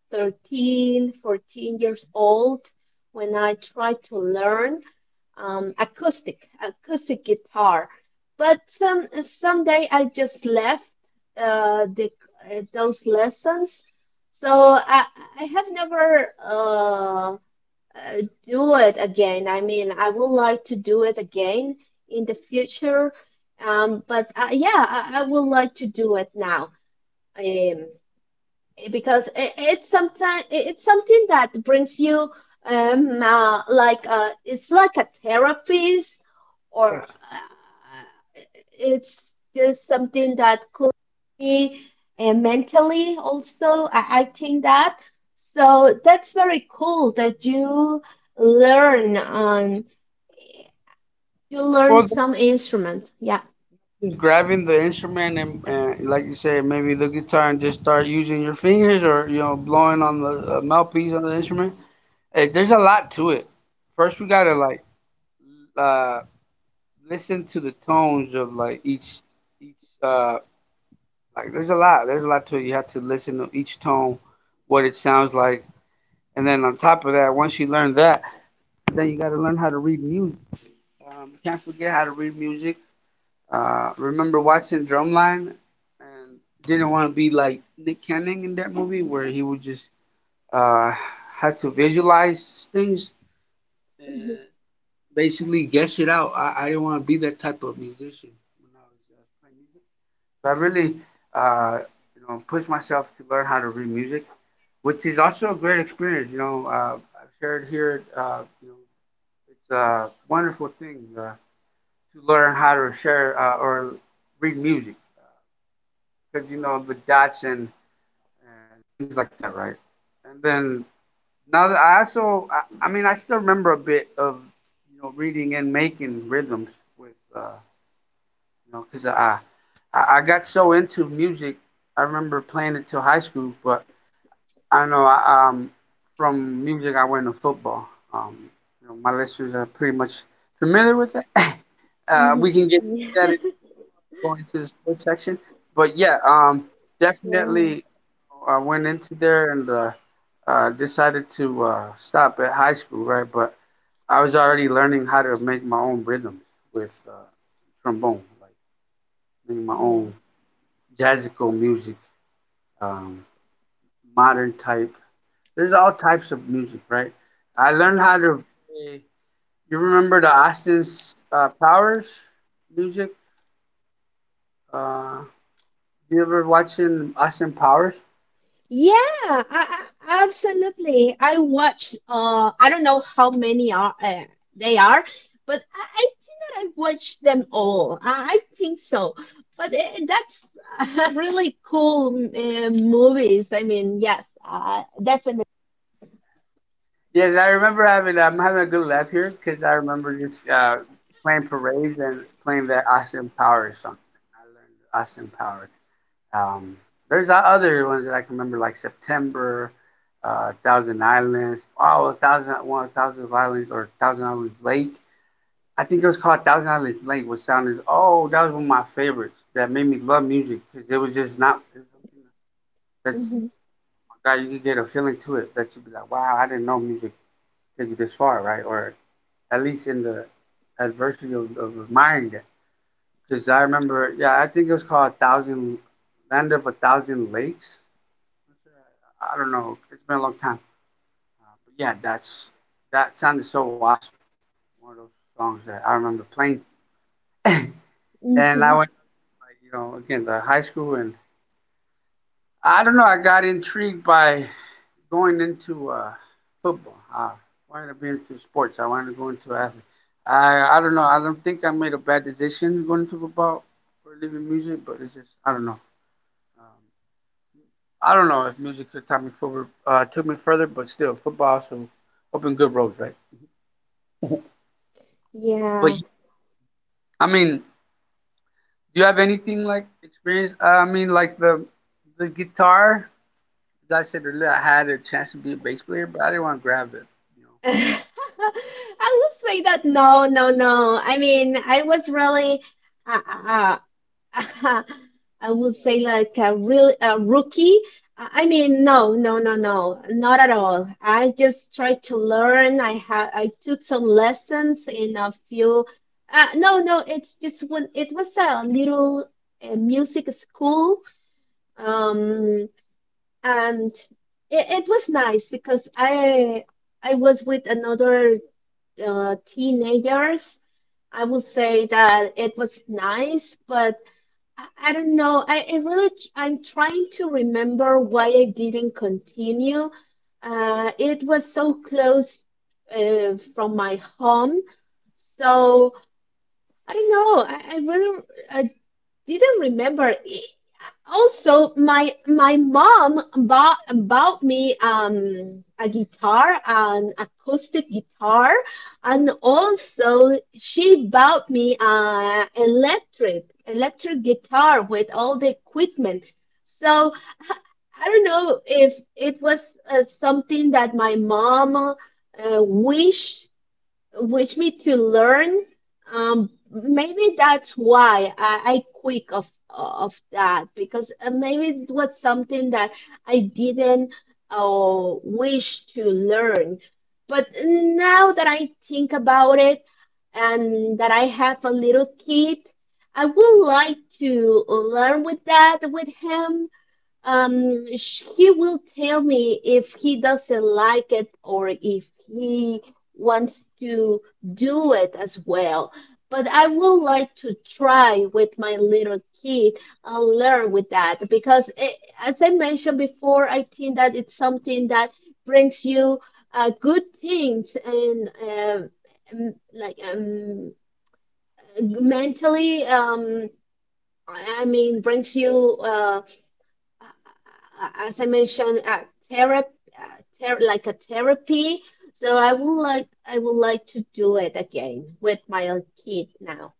Speaker 1: 13, 14 years old when I tried to learn acoustic guitar. But someday I just left uh, the, those lessons. So I have never do it again. I mean, I would like to do it again in the future. But yeah, I would like to do it now. Um, Eh, because it's sometimes it's something that brings you like it's like a therapist or it's just something that could be mentally also, I think that. So that's very cool that learn um you learn
Speaker 2: Well,
Speaker 1: some instrument. Yeah.
Speaker 2: just grabbing the instrument and, like you said, maybe the guitar and just start using your fingers or you know, blowing on the mouthpiece on the instrument. Eh, there's a lot to it. First, we gotta like uh, listen to the tones of like each uh, like there's a lot, there's a lot to it. You have to listen to each tone, what it sounds like, and then on top of that, once you learn that, then you gotta learn how to read music. You can't forget how to read music. Remember watching Drumline, and didn't want to be like Nick Cannon in that movie where he would just uh, had to visualize things and
Speaker 1: Mhm.
Speaker 2: basically guess it out. I didn't want to be that type of musician when I was playing music. So I really uh, you know, pushed myself to learn how to read music, which is also a great experience. You know, I've shared here. You know, it's a wonderful thing to learn how to share or read music. Because you know, the Dutch and things like that, right? And then now that I also, I mean, I still remember a bit of, you know, reading and making rhythms with uh, you know, because I got so into music. I remember playing it till high school, but I know from music I went to football. Um, you know, my listeners are pretty much familiar with it. We
Speaker 1: Mhm.
Speaker 2: can get into that going to the sports section. But yeah, definitely
Speaker 1: Yeah.
Speaker 2: I went into there and decided to stop at high school, right? But I was already learning how to make my own rhythms with trombone, like making my
Speaker 1: Yeah.
Speaker 2: own jazzical music, um, modern type. There's all types of music, right? I learned
Speaker 1: Yeah.
Speaker 2: how to play. You remember the Austin Powers music? Uh, you ever watching Austin Powers?
Speaker 1: Yeah, I, I absolutely I watch. I don't know how many are, but I think that I've watched them all. I think so. But that's really cool movies. I mean, yes, definitely.
Speaker 2: Yes, I remember having, I'm having a good laugh here because I remember just playing parades and playing that Austin Powers song. I learned Austin Powers. Um, there's other ones that I can remember like September, Thousand Islands. Oh, 1,000 One, Thousand islands or Thousand Islands Lake. I think it was called Thousand Islands Lake, which sounded oh that was one of my favorites that made me love music because it was just not it was something that's
Speaker 1: Mhm,
Speaker 2: My God, you could get a feeling to it that you'd be like, wow, I didn't know music could take you this far, right? Or at least in the adversity of admiring that. Because I remember, yeah, I think it was called a thousand, land of a thousand lakes. I don't know. It's been a long time. But yeah, that sounded so awesome. One of those songs that I remember playing. And I
Speaker 1: mhm.
Speaker 2: went, like, you know, again the high school, and I don't know. I got intrigued by going into football. I wanted to be into sports. I wanted to go into athletics. I don't know. I don't think I made a bad decision going into football or leaving music, but it's just I don't know. Um, I don't know if music could take me forward, took me further, but still, football also opened good roads, right? But
Speaker 1: Yeah.
Speaker 2: y- I mean, do you have anything like experience? I mean, like the guitar. As I said earlier, I had a chance to be a bass player, but I didn't want to grab it. You know,
Speaker 1: I will say that no, no, no. I mean, I was really uh, uh, I would say like a rookie. No, no, no, no, not at all. I just tried to learn. I took some lessons in a few. No, no, it's just when it was a little music school, um, and it was nice because I was with another teenagers. I would say that it was nice, but I don't know. I really, I I'm trying to remember why I didn't continue. It was so close from my home. So I don't know. I didn't remember. Also, my mom bought bought me a guitar, an acoustic guitar, and also she bought me electric guitar with all the equipment. So I don't know if it was something that my mom wished which me to learn. Maybe that's why I quit of that because maybe it was something that I didn't wish to learn. But now that I think about it and that I have a little kid, I would like to learn with that with him. He will tell me if he doesn't like it or if he wants to do it as well. But I would like to try with my little kid and learn with that because, eh, as I mentioned before, I think that it's something that brings you good things, and m- like um, mentally. I mean, brings you. As I mentioned, therapy, ther like a therapy. So I would like to do it again with my own kid now.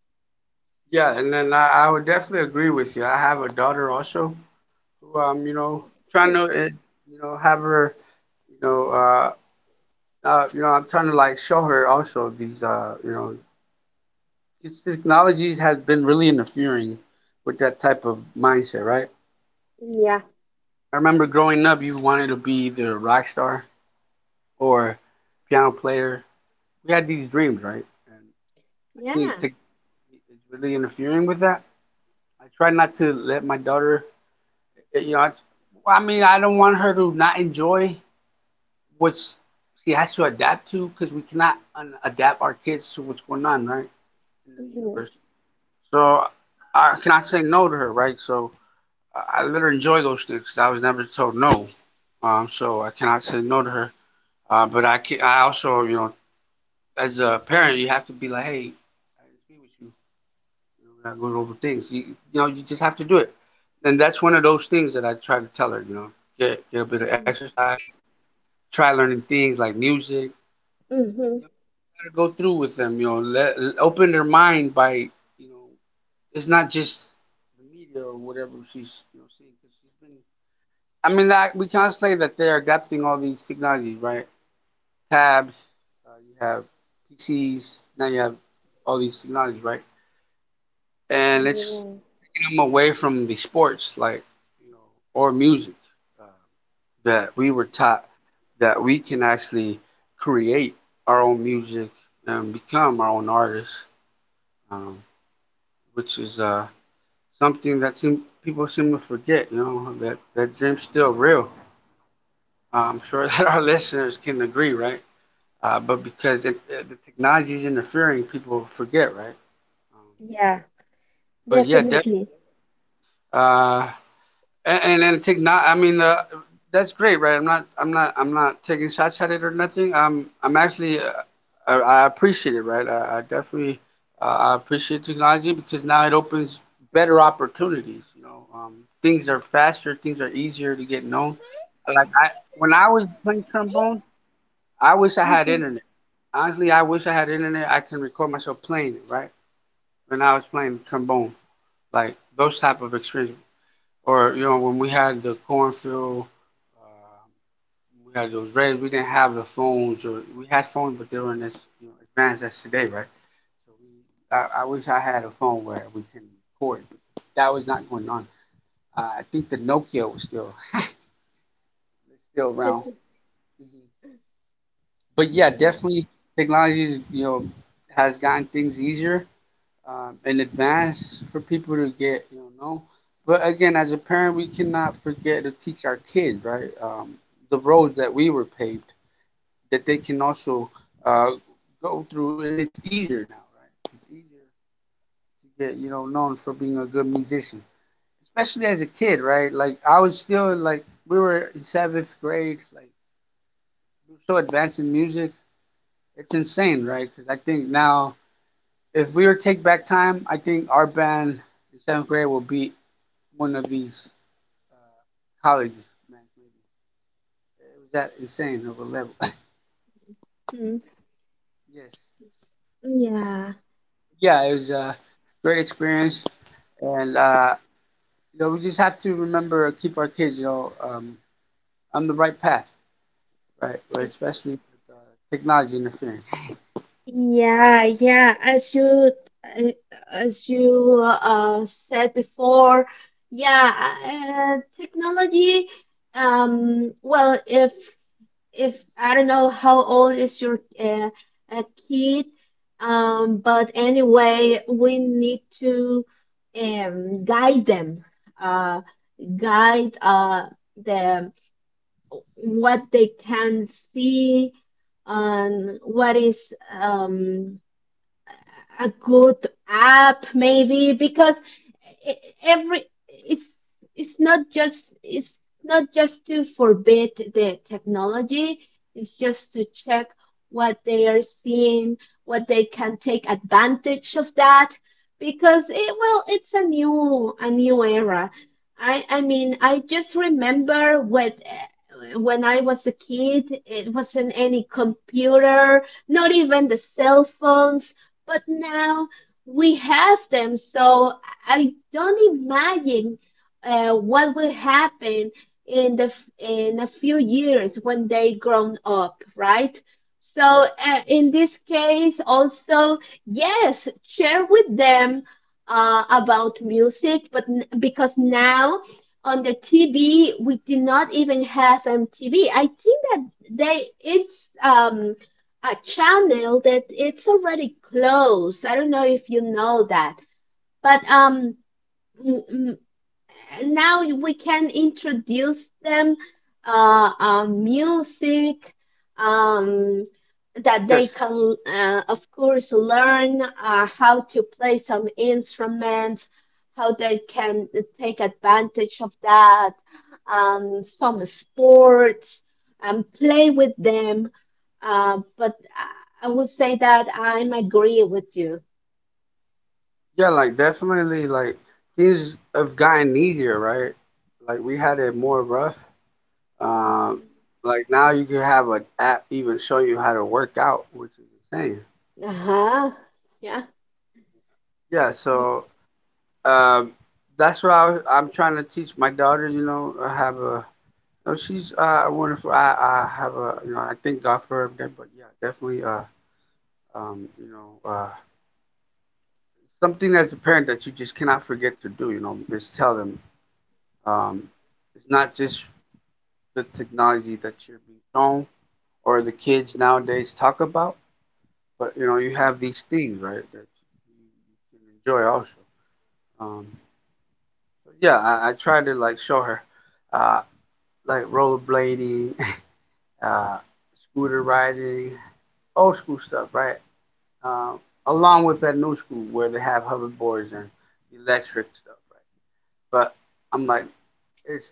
Speaker 2: yeah, and then I would definitely agree with you. I have a daughter also who, you know, trying
Speaker 1: Right.
Speaker 2: to, you know, have her, you know, uh, I'm trying to like show her also these, you know, these technologies have been really interfering with that type of mindset, right?
Speaker 1: Yeah.
Speaker 2: I remember growing up, you wanted to be either a rock star or piano player. We had these dreams, right? And I think
Speaker 1: Yeah.
Speaker 2: tech is really interfering with that. I try not to let my daughter you know, well, I mean, I don't want her to not enjoy what she has to adapt to because we cannot un- adapt our kids to what's going on, right, in the
Speaker 1: Mm-hmm.
Speaker 2: universe. So I cannot say no to her, right? So I let her enjoy those things, 'cause I was never told no, so I cannot say no to her. But I also, you know, as a parent, you have to be like, hey, I agree with you. You know, we're not going over things. You know, you just have to do it. And that's one of those things that I try to tell her. You know, get a bit of
Speaker 1: Mhm.
Speaker 2: exercise, try learning things like music.
Speaker 1: Mm-hmm.
Speaker 2: You know, you gotta go through with them. You know, let, open their mind by you know, it's not just the media or whatever she's seeing. She's been, I mean, that, we can't say that they're adapting all these technologies, right? Tabs, you have PCs, now you have all these technologies, right? And it's taking them away from the sports, like you know, or music. Uh, that we were taught that we can actually create our own music and become our own artists, um, which is something that people seem to forget. You know that that dream's still real. I'm sure that our listeners can agree, right? But because the technology is interfering, people forget, right? Um,
Speaker 1: Yeah. Yeah.
Speaker 2: but yeah,
Speaker 1: Definitely.
Speaker 2: uh, and take not. I mean, that's great, right? I'm not taking shots at it or nothing. I'm actually. I, I appreciate it, right? I definitely. I appreciate technology because now it opens better opportunities. You know, things are faster. Things are easier to get known. When I was playing trombone, I wish I had
Speaker 1: Mhm.
Speaker 2: internet. Honestly, I wish I had internet. I can record myself playing it, right? When I was playing trombone, like those type of experience or you know when we had the cornfield uh, we had those raids, we didn't have the phones or we had phones but they were in as you know, advanced as today, right? So we, I wish I had a phone where we can record, that was not going on. I think the nokia was still around. Mm-hmm. But yeah,
Speaker 1: Yeah.
Speaker 2: definitely technology, you know, has gotten things easier, in advance for people to get, you know, but again as a parent we cannot forget to teach our kids, right, the roads that we were paved that they can also uh, go through, and it's easier now, right? It's easier to get, you know, known for being a good musician, especially as a kid, right? Like I was feeling like we were in seventh grade, like we were so advanced in music, it's insane, right? Because I think now if we were to take back time, I think our band in seventh grade will beat one of these colleges, man, maybe. It was that insane of a level.
Speaker 1: Mm,
Speaker 2: Yes. Yeah, it was a great experience. And, you know, we just have to remember, keep our kids, you know, on the right path, right? But
Speaker 1: yeah.
Speaker 2: especially with uh, technology interfering.
Speaker 1: Yeah, yeah. Uh, as you said before, yeah, technology. Well, if I don't know how old is your uh, kid, but anyway, we need to guide them, uh, guide uh, them what they can see and what is a good app maybe. Because e- every it's it's not just, it's not just to forbid the technology, it's just to check what they are seeing, what they can take advantage of that. Because, it well, it's a new era. I just remember what when I was a kid it wasn't any computer, not even the cell phones, but now we have them. So I don't imagine what will happen in the in a few years when they grown up, right? So
Speaker 2: Right.
Speaker 1: in this case, also, yes, share with them about music. But because now on the TV we do not even have MTV. I think that they it's a channel that it's already closed. I don't know if you know that, but and now we can introduce them music um, that they
Speaker 2: Yes.
Speaker 1: can, of course, learn how to play some instruments, how they can take advantage of that, some sports, and play with them. But I would say that I'm agree with you.
Speaker 2: Yeah, like definitely like things have gotten easier, right? Like we had it more rough.
Speaker 1: Uh.
Speaker 2: Um, like now you can have an app even show you how to work out, which is insane.
Speaker 1: Uh-huh. Yeah.
Speaker 2: Yeah, so um, that's what I'm trying to teach my daughter. You know, I have a no, she's wonderful. I have a you know I thank God for her, but yeah, definitely um, you know uh, something as a parent that you just cannot forget to do. You know, is tell them, um, it's not just the technology that you're being shown or the kids nowadays talk about, but you know you have these things, right, that you can enjoy also. Um, so yeah, I try to like show her. Uh, like rollerblading, uh, scooter riding, old school stuff, right? Um, along with that new school where they have hoverboards and electric stuff, right? But I'm like, it's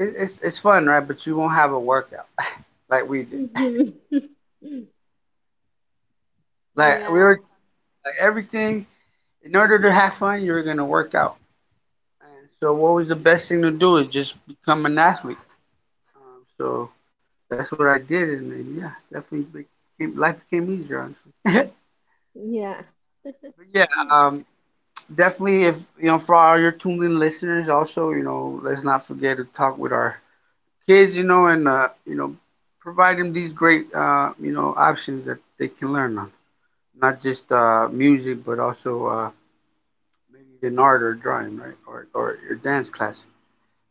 Speaker 2: it's fun, right? But you won't have a workout like we did.
Speaker 1: Mhm.
Speaker 2: Like we
Speaker 1: Yeah,
Speaker 2: were like everything in order to have fun, you're gonna work out. And so, what was the best thing to do is just become an athlete. So that's what I did, and then, yeah, definitely became, life became easier, honestly.
Speaker 1: yeah.
Speaker 2: But yeah, um, definitely if you know for all your tuned in listeners also you know let's not forget to talk with our kids, you know, and you know provide them these great you know options that they can learn on, not just music but also maybe an art or drawing, right, or your dance class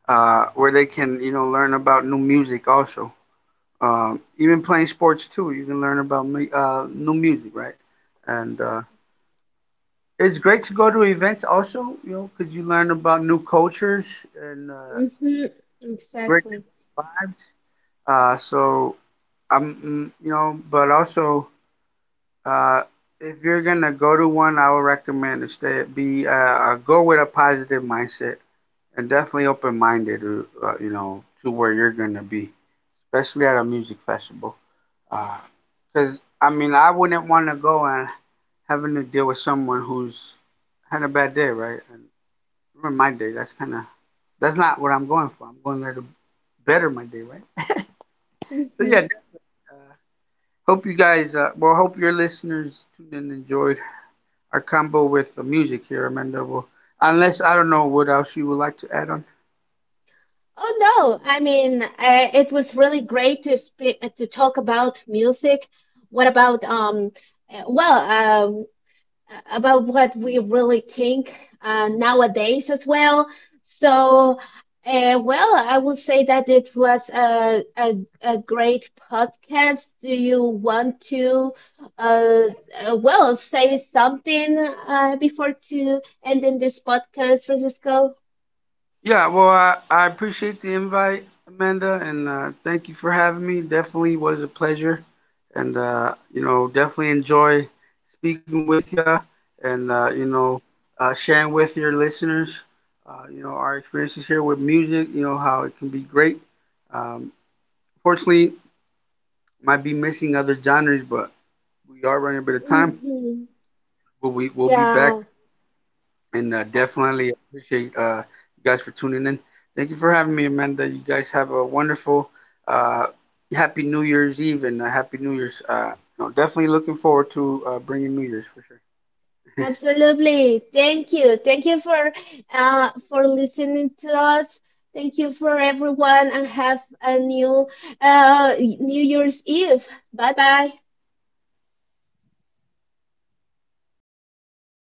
Speaker 2: where they can you know learn about new music also, even playing sports too you can learn about new music, right, and it's great to go to events also, you know, because you learn about new cultures and
Speaker 1: Hmm.
Speaker 2: great
Speaker 1: Exactly.
Speaker 2: vibes. So I'm, you know, but also uh, if you're gonna go to one, I would recommend to stay, be go with a positive mindset and definitely open minded, you know, to where you're gonna be, especially at a music festival. Because I mean, I wouldn't want to go and having to deal with someone who's had a bad day, right? And remember my day. That's kind of That's not what I'm going for. I'm going there to better my day, right? So
Speaker 1: Hmm.
Speaker 2: yeah, uh, hope you guys, well, hope your listeners tuned in and enjoyed our combo with the music here, Amanda. Will, unless I don't know what else you would like to add on.
Speaker 1: Oh no, I mean, it was really great to speak, to talk about music. What about um? Well, about what we really think nowadays as well. So, well, I would say that it was a great podcast. Do you want to uh, well, say something before to ending this podcast, Francisco?
Speaker 2: Yeah, well, I appreciate the invite, Amanda, and thank you for having me. Definitely was a pleasure, and you know, definitely enjoy speaking with you, and you know, sharing with your listeners, you know, our experiences here with music. You know how it can be great. Um, fortunately, might be missing other genres, but we are running a bit of time.
Speaker 1: Hmm.
Speaker 2: But we will be back
Speaker 1: Yeah.
Speaker 2: and definitely appreciate you guys for tuning in. Thank you for having me, Amanda. You guys have a wonderful, uh, happy New Year's Eve and a happy New Year's. You know, definitely looking forward to bringing New Year's for sure.
Speaker 1: Absolutely. Thank you. Thank you for listening to us. Thank you for everyone and have a new New Year's Eve. Bye bye.